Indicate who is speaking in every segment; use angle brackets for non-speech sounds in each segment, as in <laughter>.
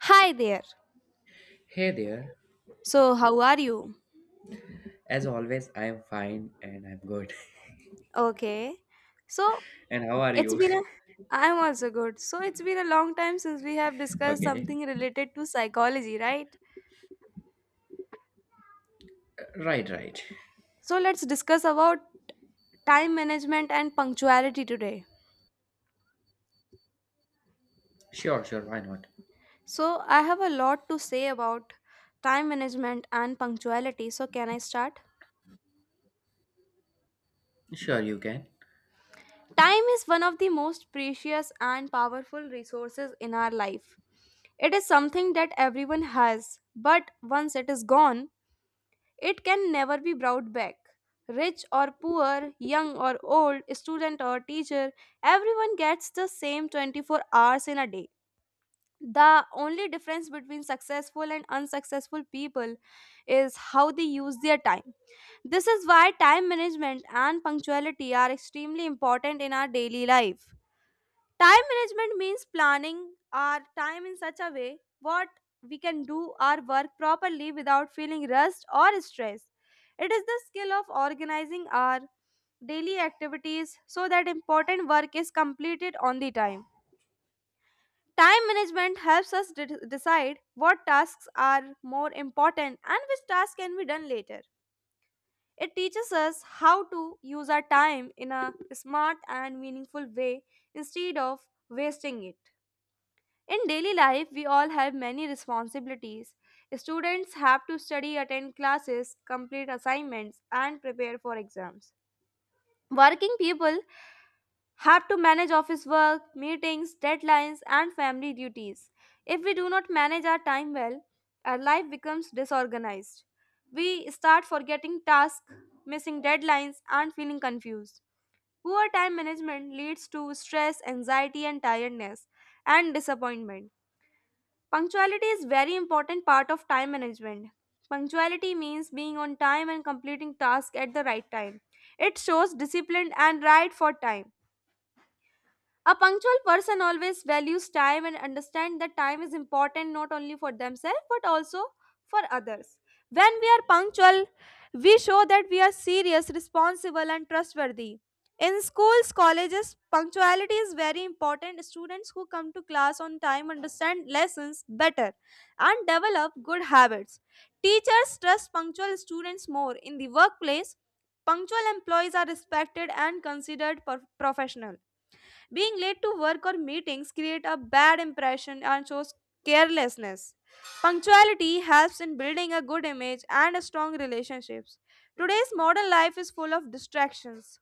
Speaker 1: Hi there.
Speaker 2: Hey there.
Speaker 1: So, how are you?
Speaker 2: As always, I am fine and I'm good.
Speaker 1: Okay. So,
Speaker 2: <laughs> And how are
Speaker 1: it's
Speaker 2: you?
Speaker 1: been a I'm also good. So, it's been a long time since we have
Speaker 2: <laughs>
Speaker 1: discussed
Speaker 2: Okay.
Speaker 1: something related to psychology, right?
Speaker 2: Right, right.
Speaker 1: So, let's discuss about time management and punctuality today.
Speaker 2: Sure, sure. Why not?
Speaker 1: So, I have a lot to say about time management and punctuality. So, can I start?
Speaker 2: Sure, you can.
Speaker 1: Time is one of the most precious and powerful resources in our life. It is something that everyone has, but once it is gone, it can never be brought back. Rich or poor, young or old, student or teacher, everyone gets the same 24 hours in a day. The only difference between successful and unsuccessful people is how they use their time. This is why time management and punctuality are extremely important in our daily life. Time management means planning our time in such a way what we can do our work properly without feeling rushed or stress. It is the skill of organizing our daily activities so that important work is completed on the time. Time management helps us decide what tasks are more important and which tasks can be done later. It teaches us how to use our time in a smart and meaningful way instead of wasting it. In daily life, we all have many responsibilities. Students have to study, attend classes, complete assignments, and prepare for exams. Working people have to manage office work, meetings, deadlines, and family duties. If we do not manage our time well, our life becomes disorganized. We start forgetting tasks, missing deadlines, and feeling confused. Poor time management leads to stress, anxiety, and tiredness, and disappointment. Punctuality is very important part of time management. Punctuality means being on time and completing tasks at the right time. It shows discipline and right for time. A punctual person always values time and understands that time is important not only for themselves but also for others. When we are punctual, we show that we are serious, responsible, and trustworthy. In schools, colleges, punctuality is very important. Students who come to class on time understand lessons better and develop good habits. Teachers trust punctual students more. In the workplace, punctual employees are respected and considered professional. Being late to work or meetings create a bad impression and shows carelessness. Punctuality helps in building a good image and strong relationships. Today's modern life is full of distractions.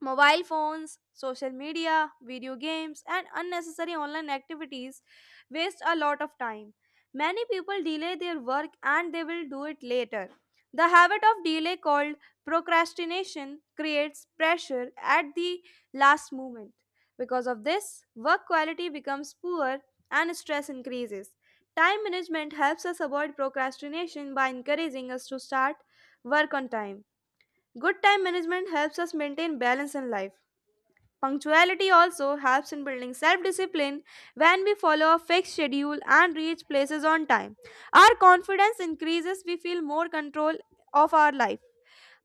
Speaker 1: Mobile phones, social media, video games, and unnecessary online activities waste a lot of time. Many people delay their work and they will do it later. The habit of delay called procrastination creates pressure at the last moment. Because of this, work quality becomes poor and stress increases. Time management helps us avoid procrastination by encouraging us to start work on time. Good time management helps us maintain balance in life. Punctuality also helps in building self discipline. When we follow a fixed schedule and reach places on time, our confidence increases, we feel more control of our life.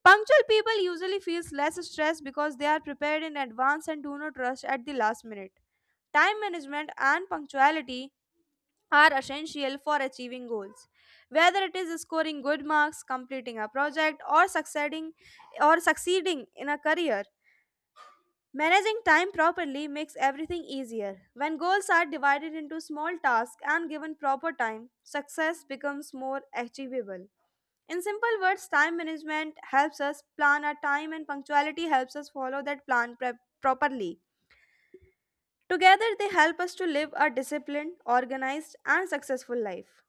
Speaker 1: Punctual people usually feel less stressed because they are prepared in advance and do not rush at the last minute. Time management and punctuality are essential for achieving goals. Whether it is scoring good marks, completing a project, or succeeding in a career, managing time properly makes everything easier. When goals are divided into small tasks and given proper time, success becomes more achievable. In simple words, time management helps us plan our time, and punctuality helps us follow that plan prep properly. Together, they help us to live a disciplined, organized, and successful life.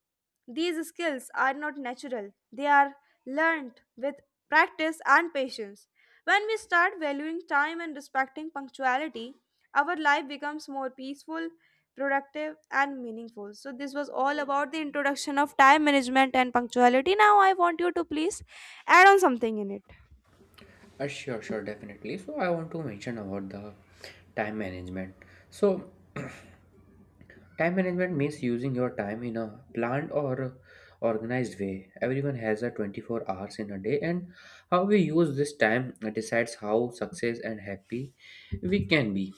Speaker 1: These skills are not natural, they are learned with practice and patience. When we start valuing time and respecting punctuality, our life becomes more peaceful, productive, and meaningful. So, this was all about the introduction of time management and punctuality. Now, I want you to please add on something in it.
Speaker 2: Sure, sure. Definitely. So, I want to mention about the time management. So, time management means using your time in a planned or organized way. Everyone has a 24 hours in a day, and how we use this time decides how success and happy we can be.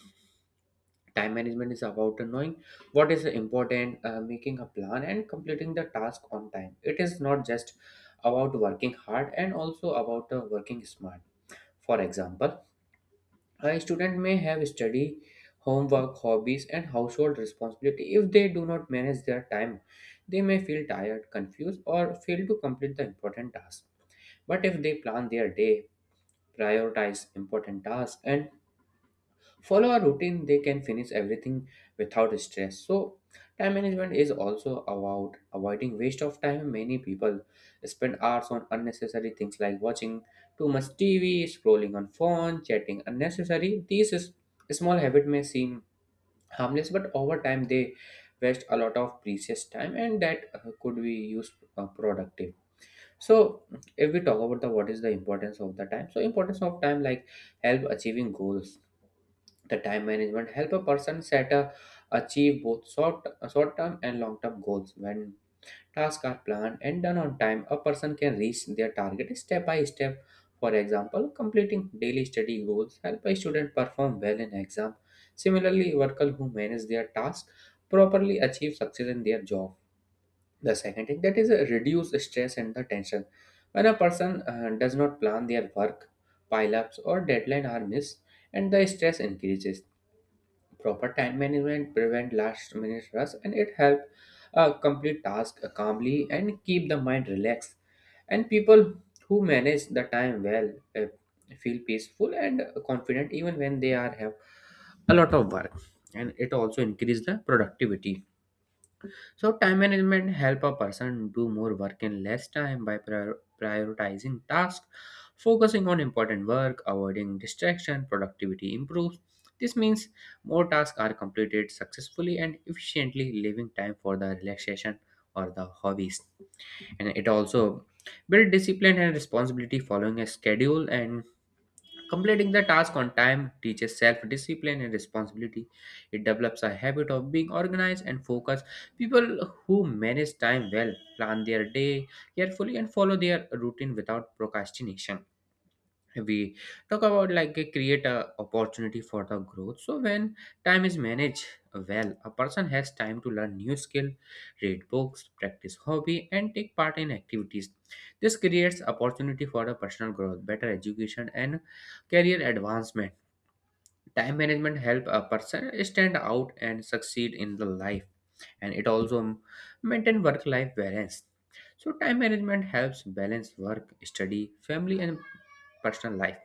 Speaker 2: Time management is about knowing what is important, making a plan, and completing the task on time. It is not just about working hard and also about working smart. For example, a student may have study, homework, hobbies, and household responsibility. If they do not manage their time, they may feel tired, confused, or fail to complete the important task. But if they plan their day, prioritize important tasks, and follow a routine, they can finish everything without stress. So time management is also about avoiding waste of time. Many people spend hours on unnecessary things like watching too much tv, scrolling on phone, chatting unnecessary. These is, small habit may seem harmless, but over time they waste a lot of precious time, and that could be used productive. So if we talk about the what is the importance of the time, so importance of time like help achieving goals. The time management help a person set a achieve both short term and long term goals. When tasks are planned and done on time, a person can reach their target step by step. For example, completing daily study goals help a student perform well in exam. Similarly, workers who manage their tasks properly achieve success in their job. The second thing, that is reduce stress and the tension. When a person does not plan their work, pile ups or deadline are missed, and the stress increases. Proper time management prevent last minute rush, and it help complete task calmly and keep the mind relaxed. And people who manage the time well feel peaceful and confident even when they are have a lot of work. And it also increase the productivity. So time management help a person do more work in less time. By prioritizing tasks, focusing on important work, avoiding distraction, productivity improves. This means more tasks are completed successfully and efficiently, leaving time for the relaxation or the hobbies. And it also build discipline and responsibility. Following a schedule and completing the task on time teaches self discipline and responsibility. It develops a habit of being organized and focused. People who manage time well plan their day carefully and follow their routine without procrastination. We talk about like a create a opportunity for the growth. So when time is managed well, a person has time to learn new skill, read books, practice hobby, and take part in activities. This creates opportunity for a personal growth, better education, and career advancement. Time management help a person stand out and succeed in the life. And it also maintain work life balance. So time management helps balance work, study, family, and personal life.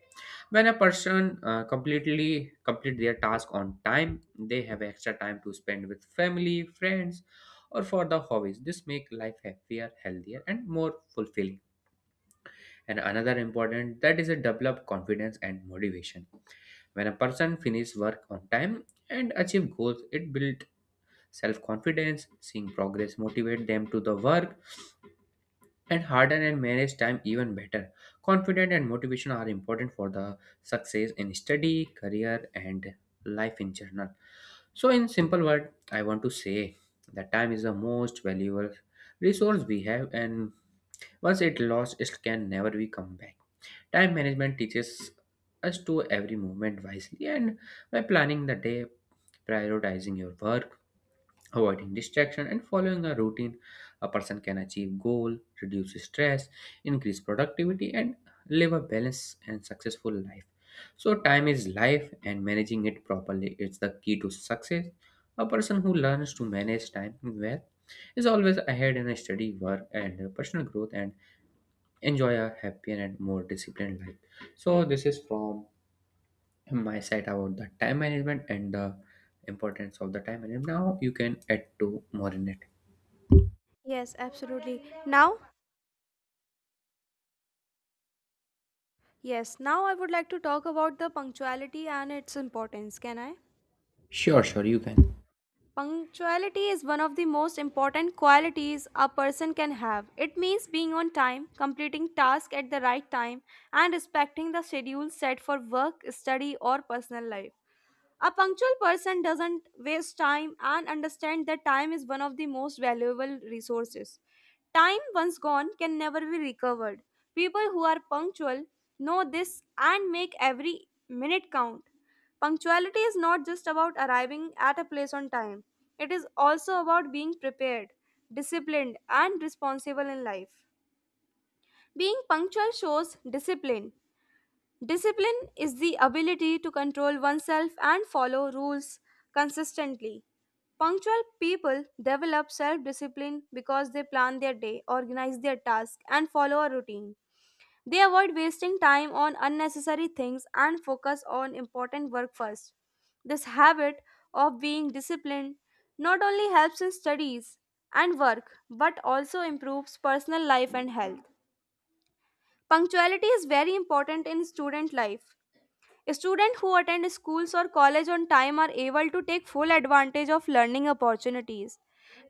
Speaker 2: When a person complete their task on time, they have extra time to spend with family friends or for the hobbies. This make life happier, healthier, and more fulfilling. And another important, that is a develop confidence and motivation. When a person finishes work on time and achieve goals, it builds self confidence. Seeing progress motivate them to the work and harden and manage time even better. Confidence and motivation are important for the success in study, career, and life in general. So, in simple word, I want to say that time is the most valuable resource we have, and once it lost, it can never be come back. Time management teaches us to every moment wisely, and by planning the day, prioritizing your work, avoiding distraction, and following a routine, a person can achieve goal, reduce stress, increase productivity, and live a balanced and successful life. So time is life, and managing it properly is the key to success. A person who learns to manage time well is always ahead in a study, work, and personal growth, and enjoy a happier and more disciplined life. So this is from my side about the time management and the importance of the time management. Now you can add to more in it.
Speaker 1: Yes, absolutely. Now I would like to talk about the punctuality and its importance. Can I?
Speaker 2: Sure, sure, you can.
Speaker 1: Punctuality is one of the most important qualities a person can have. It means being on time, completing tasks at the right time, and respecting the schedule set for work, study, or personal life. A punctual person doesn't waste time and understand that time is one of the most valuable resources. Time once gone can never be recovered. People who are punctual know this and make every minute count. Punctuality is not just about arriving at a place on time. It is also about being prepared, disciplined, and responsible in life. Being punctual shows discipline. Discipline is the ability to control oneself and follow rules consistently. Punctual people develop self discipline because they plan their day, organize their tasks, and follow a routine. They avoid wasting time on unnecessary things and focus on important work first. This habit of being disciplined not only helps in studies and work but also improves personal life and health. Punctuality is very important in student life. Students who attend schools or college on time are able to take full advantage of learning opportunities.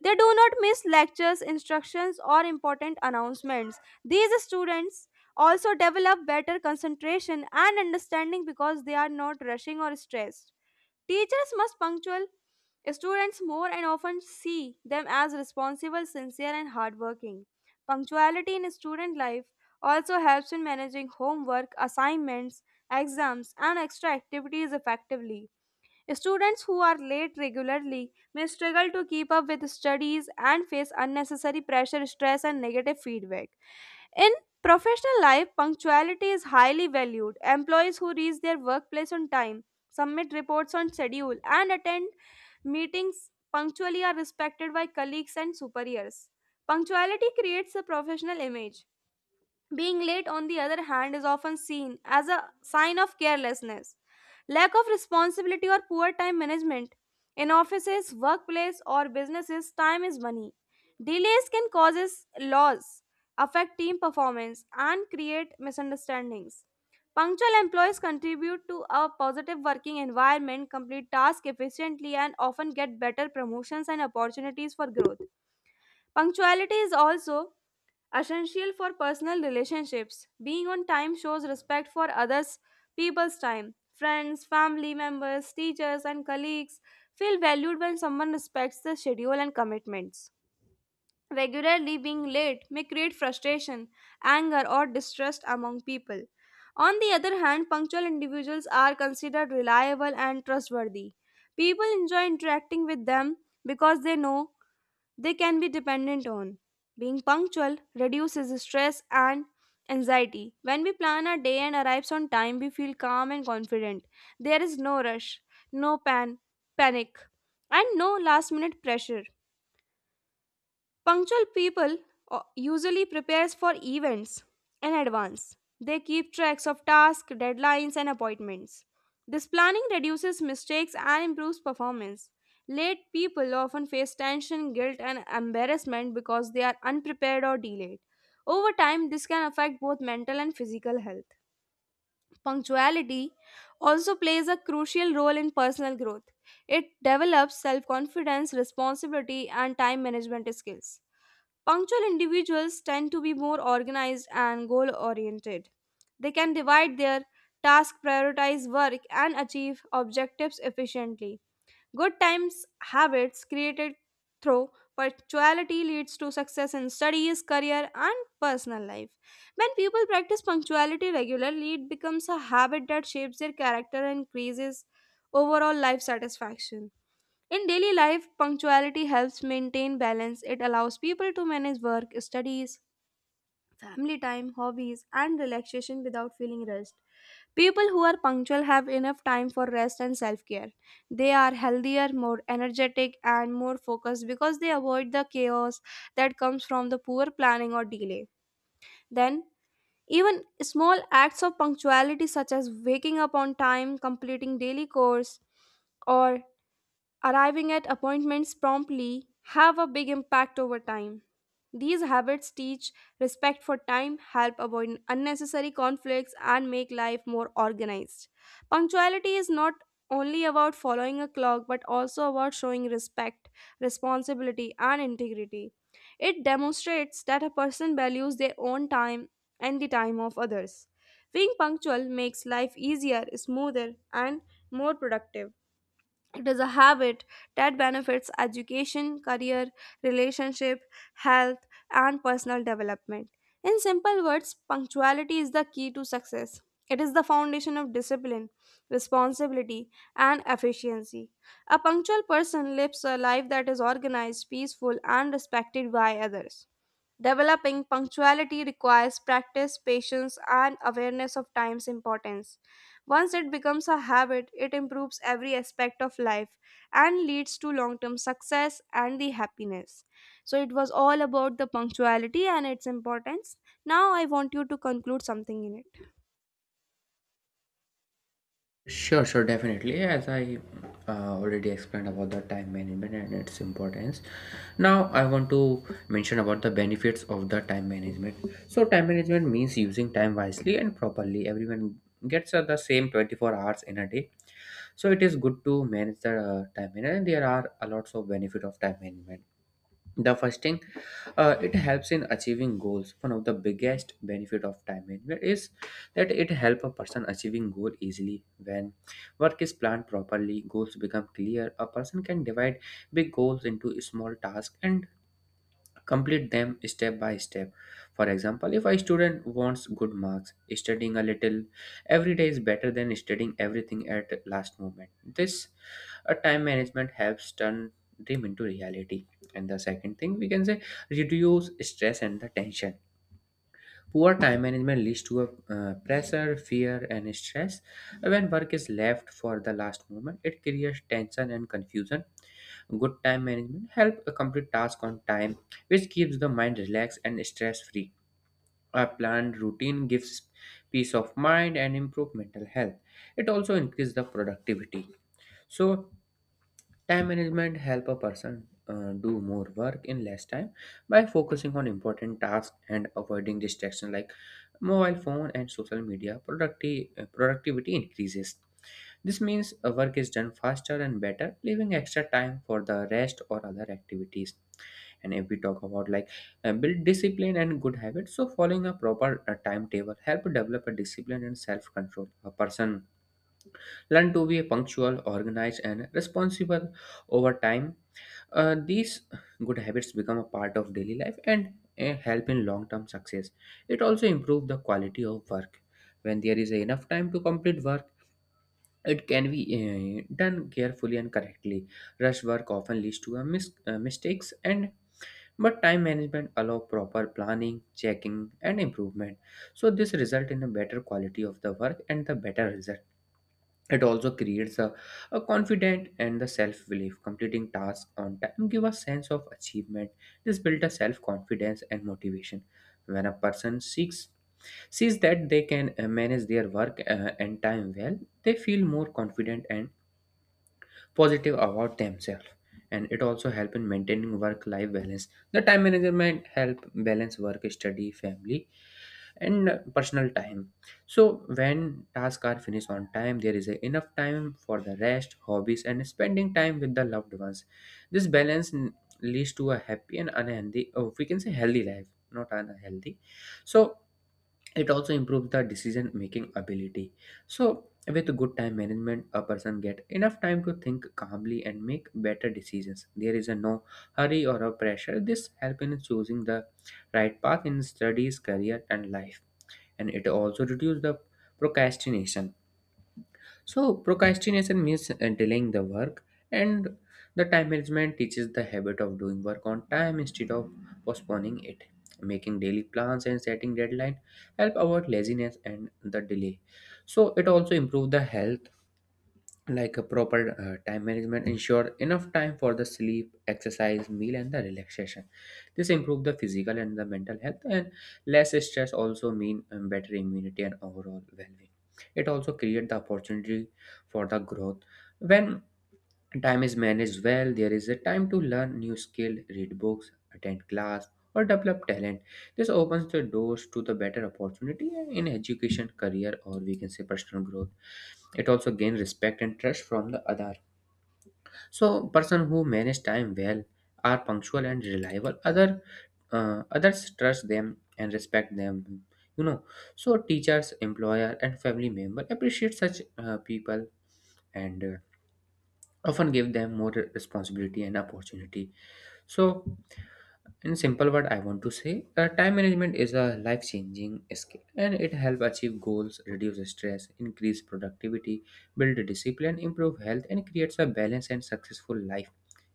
Speaker 1: They do not miss lectures, instructions, or important announcements. These students also develop better concentration and understanding because they are not rushing or stressed. Teachers must punctual students more and often see them as responsible, sincere, and hardworking. Punctuality in student life also helps in managing homework, assignments, exams, and extra activities effectively. Students who are late regularly may struggle to keep up with studies and face unnecessary pressure, stress, and negative feedback. In professional life, punctuality is highly valued. Employees who reach their workplace on time, submit reports on schedule, and attend meetings punctually are respected by colleagues and superiors. Punctuality creates a professional image. Being late, on the other hand, is often seen as a sign of carelessness, lack of responsibility, or poor time management. In offices, workplace, or businesses, time is money. Delays can cause loss, affect team performance, and create misunderstandings. Punctual employees contribute to a positive working environment, complete tasks efficiently, and often get better promotions and opportunities for growth. Punctuality is also essential for personal relationships. Being on time shows respect for others people's time. Friends, family members, teachers and colleagues feel valued when someone respects the schedule and commitments. Regularly being late may create frustration, anger or distrust among people. On the other hand, punctual individuals are considered reliable and trustworthy. People enjoy interacting with them because they know they can be dependent on. Being punctual reduces stress and anxiety. When we plan our day and arrives on time, we feel calm and confident. There is no rush, no panic, and no last minute pressure. Punctual people usually prepares for events in advance. They keep tracks of tasks, deadlines and appointments. This planning reduces mistakes and improves performance. Late people often face tension, guilt and embarrassment because they are unprepared or delayed. Over time, this can affect both mental and physical health. Punctuality also plays a crucial role in personal growth. It develops self confidence, responsibility, and time management skills. Punctual individuals tend to be more organized and goal oriented. They can divide their tasks, prioritize work, and achieve objectives efficiently. Good times habits created through punctuality leads to success in studies, career, and personal life. When people practice punctuality regularly, it becomes a habit that shapes their character and increases overall life satisfaction. In daily life, punctuality helps maintain balance. It allows people to manage work, studies, family time, hobbies, and relaxation without feeling rushed. People who are punctual have enough time for rest and self care. They are healthier, more energetic, and more focused because they avoid the chaos that comes from the poor planning or delay. Then, even small acts of punctuality, such as waking up on time, completing daily chores, or arriving at appointments promptly have a big impact over time. These habits teach respect for time, help avoid unnecessary conflicts, and make life more organized. Punctuality is not only about following a clock but also about showing respect, responsibility, and integrity. It demonstrates that a person values their own time and the time of others. Being punctual makes life easier, smoother, and more productive. It is a habit that benefits education, career, relationship, health, and personal development. In simple words, punctuality is the key to success. It is the foundation of discipline, responsibility, and efficiency. A punctual person lives a life that is organized, peaceful, and respected by others. Developing punctuality requires practice, patience, and awareness of time's importance. Once it becomes a habit, it improves every aspect of life and leads to long term success and the happiness. So, it was all about the punctuality and its importance. Now, I want you to conclude something in it.
Speaker 2: Sure, sure, definitely. As I already explained about the time management and its importance, now I want to mention about the benefits of the time management. So, time management means using time wisely and properly. Everyone gets the same 24 hours in a day, so it is good to manage the time management. And there are a lots of benefit of time management. The first thing, it helps in achieving goals. One of the biggest benefit of time management is that it help a person achieving goal easily. When work is planned properly, goals become clear. A person can divide big goals into small tasks and complete them step by step. For example, if a student wants good marks, studying a little every day is better than studying everything at last moment. This time management helps turn dream into reality. And the second thing we can say, reduce stress and the tension. Poor time management leads to a, pressure, fear, and stress. When work is left for the last moment, it creates tension and confusion. Good time management helps complete tasks on time, which keeps the mind relaxed and stress free. A planned routine gives peace of mind and improve mental health. It also increases the productivity. So time management help a person do more work in less time by focusing on important tasks and avoiding distractions like mobile phone and social media. Productivity increases. This means work is done faster and better, leaving extra time for the rest or other activities. And if we talk about like build discipline and good habits, so following a proper timetable help develop a discipline and self control. A person learn to be punctual, organized, and responsible over time. These good habits become a part of daily life and help in long term success. It also improves the quality of work. When there is enough time to complete work, it can be done carefully and correctly. Rush work often leads to a mistakes and but time management allow proper planning, checking, and improvement. So this result in a better quality of the work and the better result. It also creates a confident and the self-belief. Completing tasks on time give a sense of achievement. This builds a self-confidence and motivation. When a person seeks sees that they can manage their work and time well, they feel more confident and positive about themselves. And it also helps in maintaining work-life balance. The time management help balance work, study, family, and personal time. So when tasks are finished on time, there is enough time for the rest, hobbies, and spending time with the loved ones. This leads to a happy and unhealthy, oh, we can say healthy life, not unhealthy. So it also improves the decision making ability. So with good time management, a person get enough time to think calmly and make better decisions. There is a no hurry or a pressure. This help in choosing the right path in studies, career, and life. And it also reduces the procrastination. So procrastination means delaying the work, and the time management teaches the habit of doing work on time instead of postponing it. Making daily plans and setting deadline help avoid laziness and the delay. So it also improve the health. Like a proper time management ensure enough time for the sleep, exercise, meal, and the relaxation. This improve the physical and the mental health. And less stress also mean better immunity and overall well-being. It also create the opportunity for the growth. When time is managed well, there is a time to learn new skill, read books, attend class, or develop talent. This opens the doors to the better opportunity in education, career, or we can say personal growth. It also gains respect and trust from the other. So, person who manage time well are punctual and reliable. Others trust them and respect them. You know, so teachers, employer, and family member appreciate such people and. Often give them more responsibility and opportunity. So in simple word I want to say, time management is a life changing skill, and it helps achieve goals, reduce stress, increase productivity, build discipline, improve health, and creates a balanced and successful life.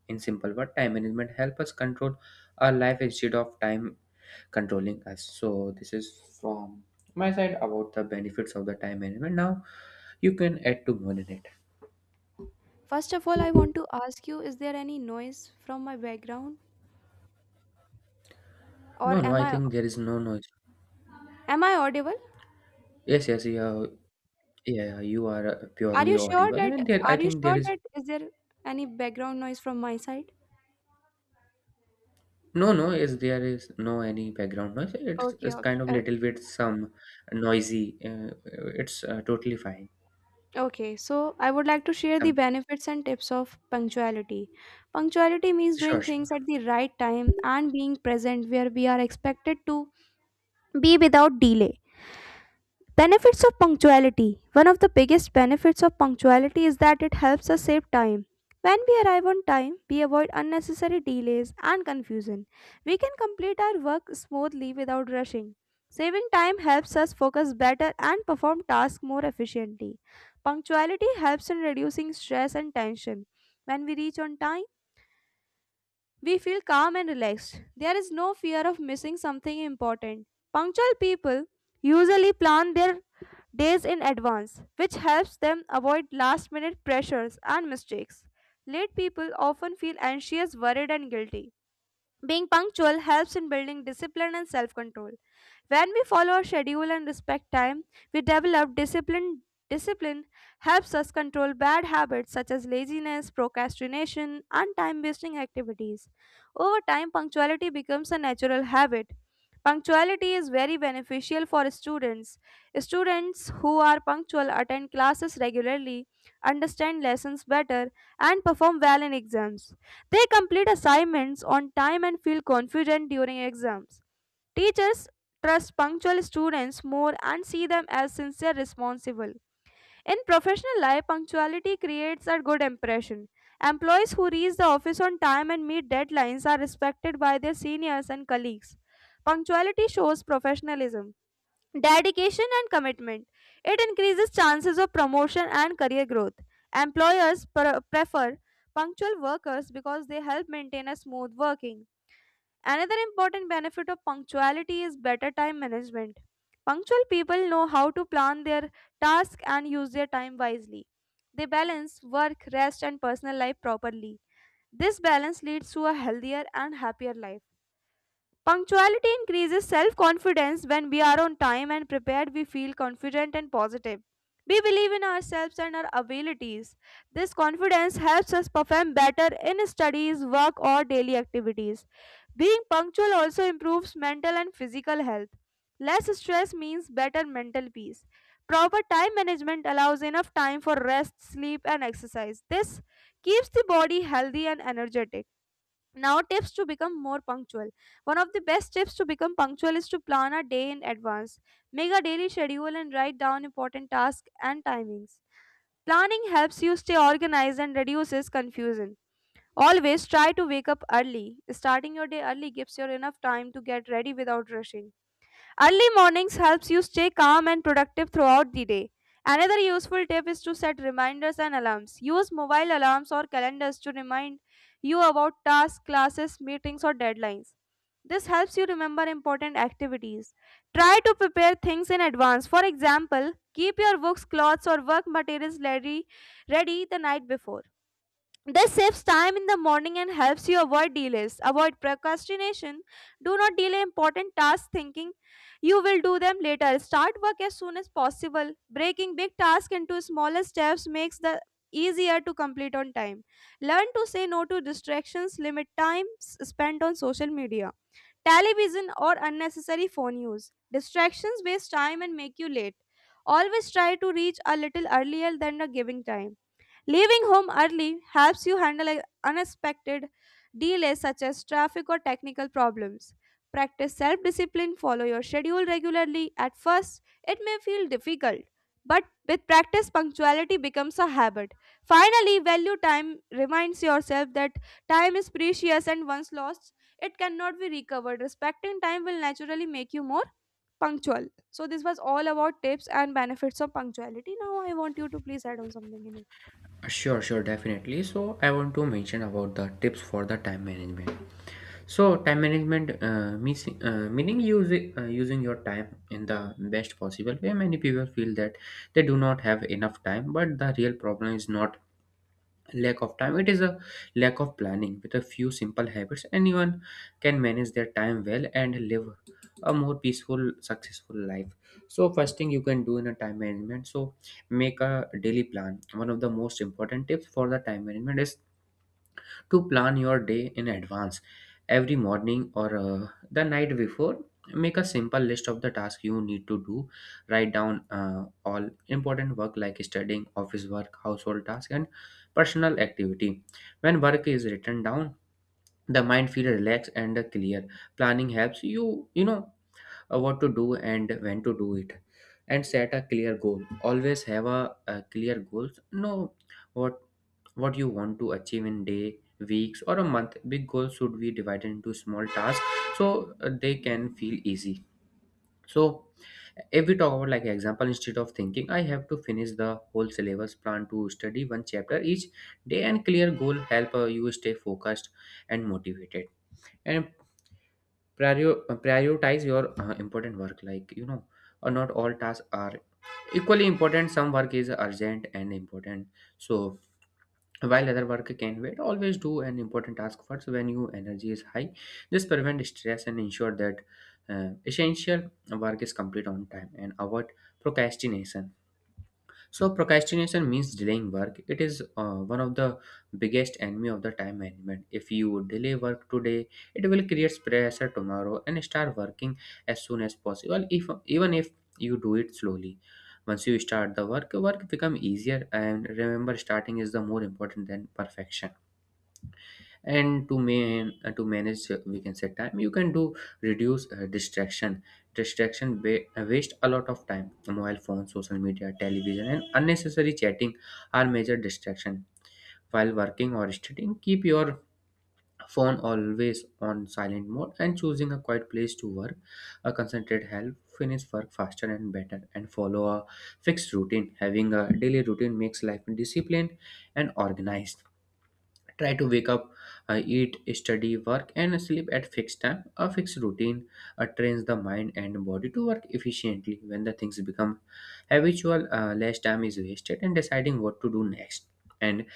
Speaker 2: In simple word, time management helps us control our life instead of time controlling us. So this is from my side about the benefits of the time management. Now you can add to more in it.
Speaker 1: First of all, I want to ask you, is there any noise from my background or
Speaker 2: No, no,
Speaker 1: am
Speaker 2: I
Speaker 1: I
Speaker 2: think there is no.
Speaker 1: am I audible?
Speaker 2: Yes, yes, yeah, yeah, yeah. You are
Speaker 1: Are
Speaker 2: purely
Speaker 1: you sure
Speaker 2: audible,
Speaker 1: that
Speaker 2: and there, I
Speaker 1: are you
Speaker 2: think
Speaker 1: sure
Speaker 2: there is
Speaker 1: that is there any background noise from my side?
Speaker 2: no, no. Is there is no any background noise? It's,
Speaker 1: Okay,
Speaker 2: it's
Speaker 1: okay.
Speaker 2: kind of little bit some noisy. It's totally fine.
Speaker 1: Okay, so I would like to share the
Speaker 2: Some.
Speaker 1: benefits and tips of punctuality. Punctuality means doing
Speaker 2: sure,
Speaker 1: things at
Speaker 2: sure,
Speaker 1: the right time and being present where we are expected to be without delay. Benefits of punctuality. One of the biggest benefits of punctuality is that it helps us save time. When we arrive on time, we avoid unnecessary delays and confusion. We can complete our work smoothly without rushing. Saving time helps us focus better and perform tasks more efficiently. Punctuality helps in reducing stress and tension. When we reach on time, we feel calm and relaxed. There is no fear of missing something important. Punctual people usually plan their days in advance, which helps them avoid last minute pressures and mistakes. Late people often feel anxious, worried, and guilty. Being punctual helps in building discipline and self control. When we follow our schedule and respect time, we develop discipline. Discipline helps us control bad habits such as laziness, procrastination, and time wasting activities. Over time, punctuality becomes a natural habit. Punctuality is very beneficial for students. Students who are punctual attend classes regularly, understand lessons better, and perform well in exams. They complete assignments on time and feel confident during exams. Teachers trust punctual students more and see them as sincere responsible. In professional life, punctuality creates a good impression. Employees who reach the office on time and meet deadlines are respected by their seniors and colleagues. Punctuality shows professionalism, dedication, and commitment. It increases chances of promotion and career growth. Employers prefer punctual workers because they help maintain a smooth working. Another important benefit of punctuality is better time management. Punctual people know how to plan their tasks and use their time wisely. They balance work, rest, and personal life properly. This balance leads to a healthier and happier life. Punctuality increases self confidence. When we are on time and prepared, we feel confident and positive. We believe in ourselves and our abilities. This confidence helps us perform better in studies, work, or daily activities. Being punctual also improves mental and physical health. Less stress means better mental peace. Proper time management allows enough time for rest, sleep, and exercise. This keeps the body healthy and energetic. Now, tips to become more punctual. One of the best tips to become punctual is to plan a day in advance. Make a daily schedule and write down important tasks and timings. Planning helps you stay organized and reduces confusion. Always try to wake up early. Starting your day early gives you enough time to get ready without rushing. Early mornings helps you stay calm and productive throughout the day. Another useful tip is to set reminders and alarms. Use mobile alarms or calendars to remind you about tasks, classes, meetings, or deadlines. This helps you remember important activities. Try to prepare things in advance. For example, keep your books, clothes, or work materials ready, ready the night before. This saves time in the morning and helps you avoid delays. Avoid procrastination. Do not delay important tasks thinking you will do them later. Start work as soon as possible. Breaking big tasks into smaller steps makes the easier to complete on time. Learn to say no to distractions. Limit spent on social media, television or unnecessary phone use. Distractions waste time and make you late. Always try to reach a little earlier than the giving time. Leaving home early helps you handle unexpected delays such as traffic or technical problems. Practice self discipline, follow your schedule regularly. At first, it may feel difficult, but with practice, punctuality becomes a habit. Finally, value time reminds yourself that time is precious and once lost, it cannot be recovered. Respecting time will naturally make you more punctual. So, this was all about tips and benefits of punctuality. Now, I want you to please add on something in it.
Speaker 2: sure, sure, definitely. So I want to mention about the tips for the time management. So time management means meaning using your time in the best possible way. Many people feel that they do not have enough time, but the real problem is not lack of time, it is a lack of planning. With a few simple habits, anyone can manage their time well and live a more peaceful, successful life. So first thing you can do in a time management, so make a daily plan. One of the most important tips for the time management is to plan your day in advance. Every morning, or the night before, make a simple list of the tasks you need to do. Write down all important work like studying, office work, household task, and personal activity. When work is written down, the mind feels relaxed and clear. Planning helps you, you know, what to do and when to do it. And set a clear goal. Always have a clear goals. Know what what you want to achieve in day, weeks or a month. Big goals should be divided into small tasks, so they can feel easy. So if we talk about, like, example, instead of thinking I have to finish the whole syllabus, plan to study one chapter each day. And clear goal help you stay focused and motivated. And prioritize your important work, like, you know, not all tasks are equally important. Some work is urgent and important, so while other work can wait, always do an important task first when your energy is high. This prevent stress and ensure that essential work is complete on time. And avoid procrastination. So procrastination means delaying work. It is one of the biggest enemy of the time management. If you delay work today, it will create pressure tomorrow. And start working as soon as possible. If, even if you do it slowly, once you start the work, work become easier. And remember, starting is the more important than perfection. And to man to manage, we can say, time, you can do reduce distraction. Distraction waste a lot of time. Mobile phone, social media, television, and unnecessary chatting are major distraction. While working or studying, keep your phone always on silent mode and choosing a quiet place to work. A concentrate help finish work faster and better. And follow a fixed routine. Having a daily routine makes life disciplined and organized. Try to wake up, eat, study, work, and sleep at fixed time. A fixed routine trains the mind and body to work efficiently. When the things become habitual, less time is wasted in deciding what to do next. And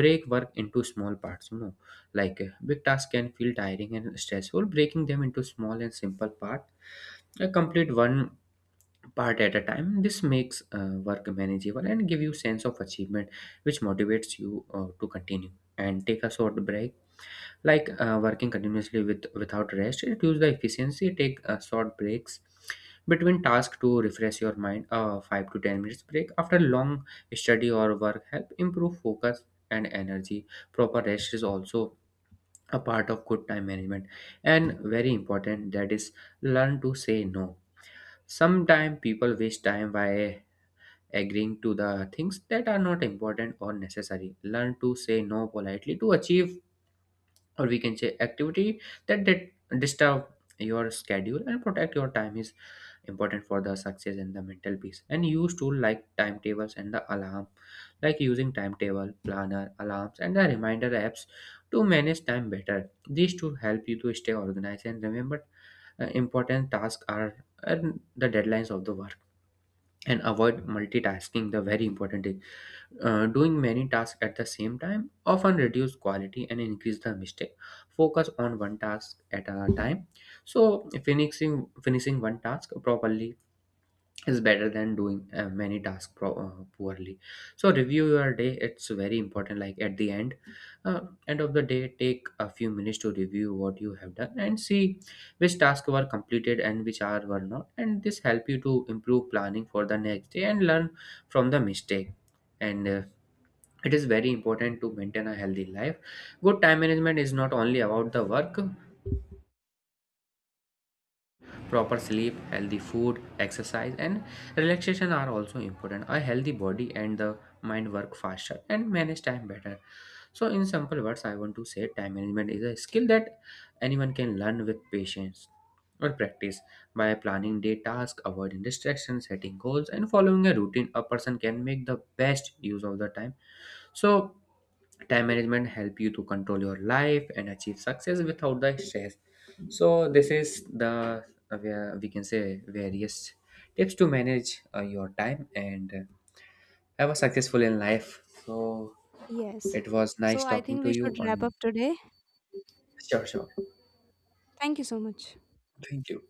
Speaker 2: break work into small parts, you know, like, big tasks can feel tiring and stressful. Breaking them into small and simple parts, complete one part at a time. This makes work manageable and give you sense of achievement, which motivates you to continue. And take a short break. Like, working continuously with without rest reduce the efficiency. Take short breaks between tasks to refresh your mind. A 5 to 10 minutes break after long study or work help improve focus and energy. Proper rest is also a part of good time management. And very important, that is, learn to say no. Sometimes people waste time by agreeing to the things that are not important or necessary. Learn to say no politely to achieve, or we can say, activity that did disturb your schedule, and protect your time is important for the success and the mental peace. And use tool like timetables and the alarm, like using timetable, planner, alarms, and the reminder apps to manage time better. These tools help you to stay organized and remember important tasks are and the deadlines of the work. And avoid multitasking, the very important. Doing many tasks at the same time often reduce quality and increase the mistake. Focus on one task at a time. So finishing one task properly is better than doing many tasks poorly. So review your day. It's very important. Like, at the end, uh, end of the day, take a few minutes to review what you have done and see which tasks were completed and which are were not. And this help you to improve planning for the next day and learn from the mistake. And it is very important to maintain a healthy life. Good time management is not only about the work. Proper sleep, healthy food, exercise, and relaxation are also important. A healthy body and the mind work faster and manage time better. So in simple words, I want to say time management is a skill that anyone can learn with patience or practice. By planning day tasks, avoiding distractions, setting goals, and following a routine, a person can make the best use of the time. So time management help you to control your life and achieve success without the stress. So this is the, where we can say, various tips to manage your time and have a successful in life. So
Speaker 1: Yes.
Speaker 2: it was
Speaker 1: So
Speaker 2: nice
Speaker 1: I
Speaker 2: talking
Speaker 1: think
Speaker 2: to
Speaker 1: we
Speaker 2: you
Speaker 1: should wrap
Speaker 2: on.
Speaker 1: up today.
Speaker 2: Sure, sure.
Speaker 1: Thank you so much.
Speaker 2: Thank you.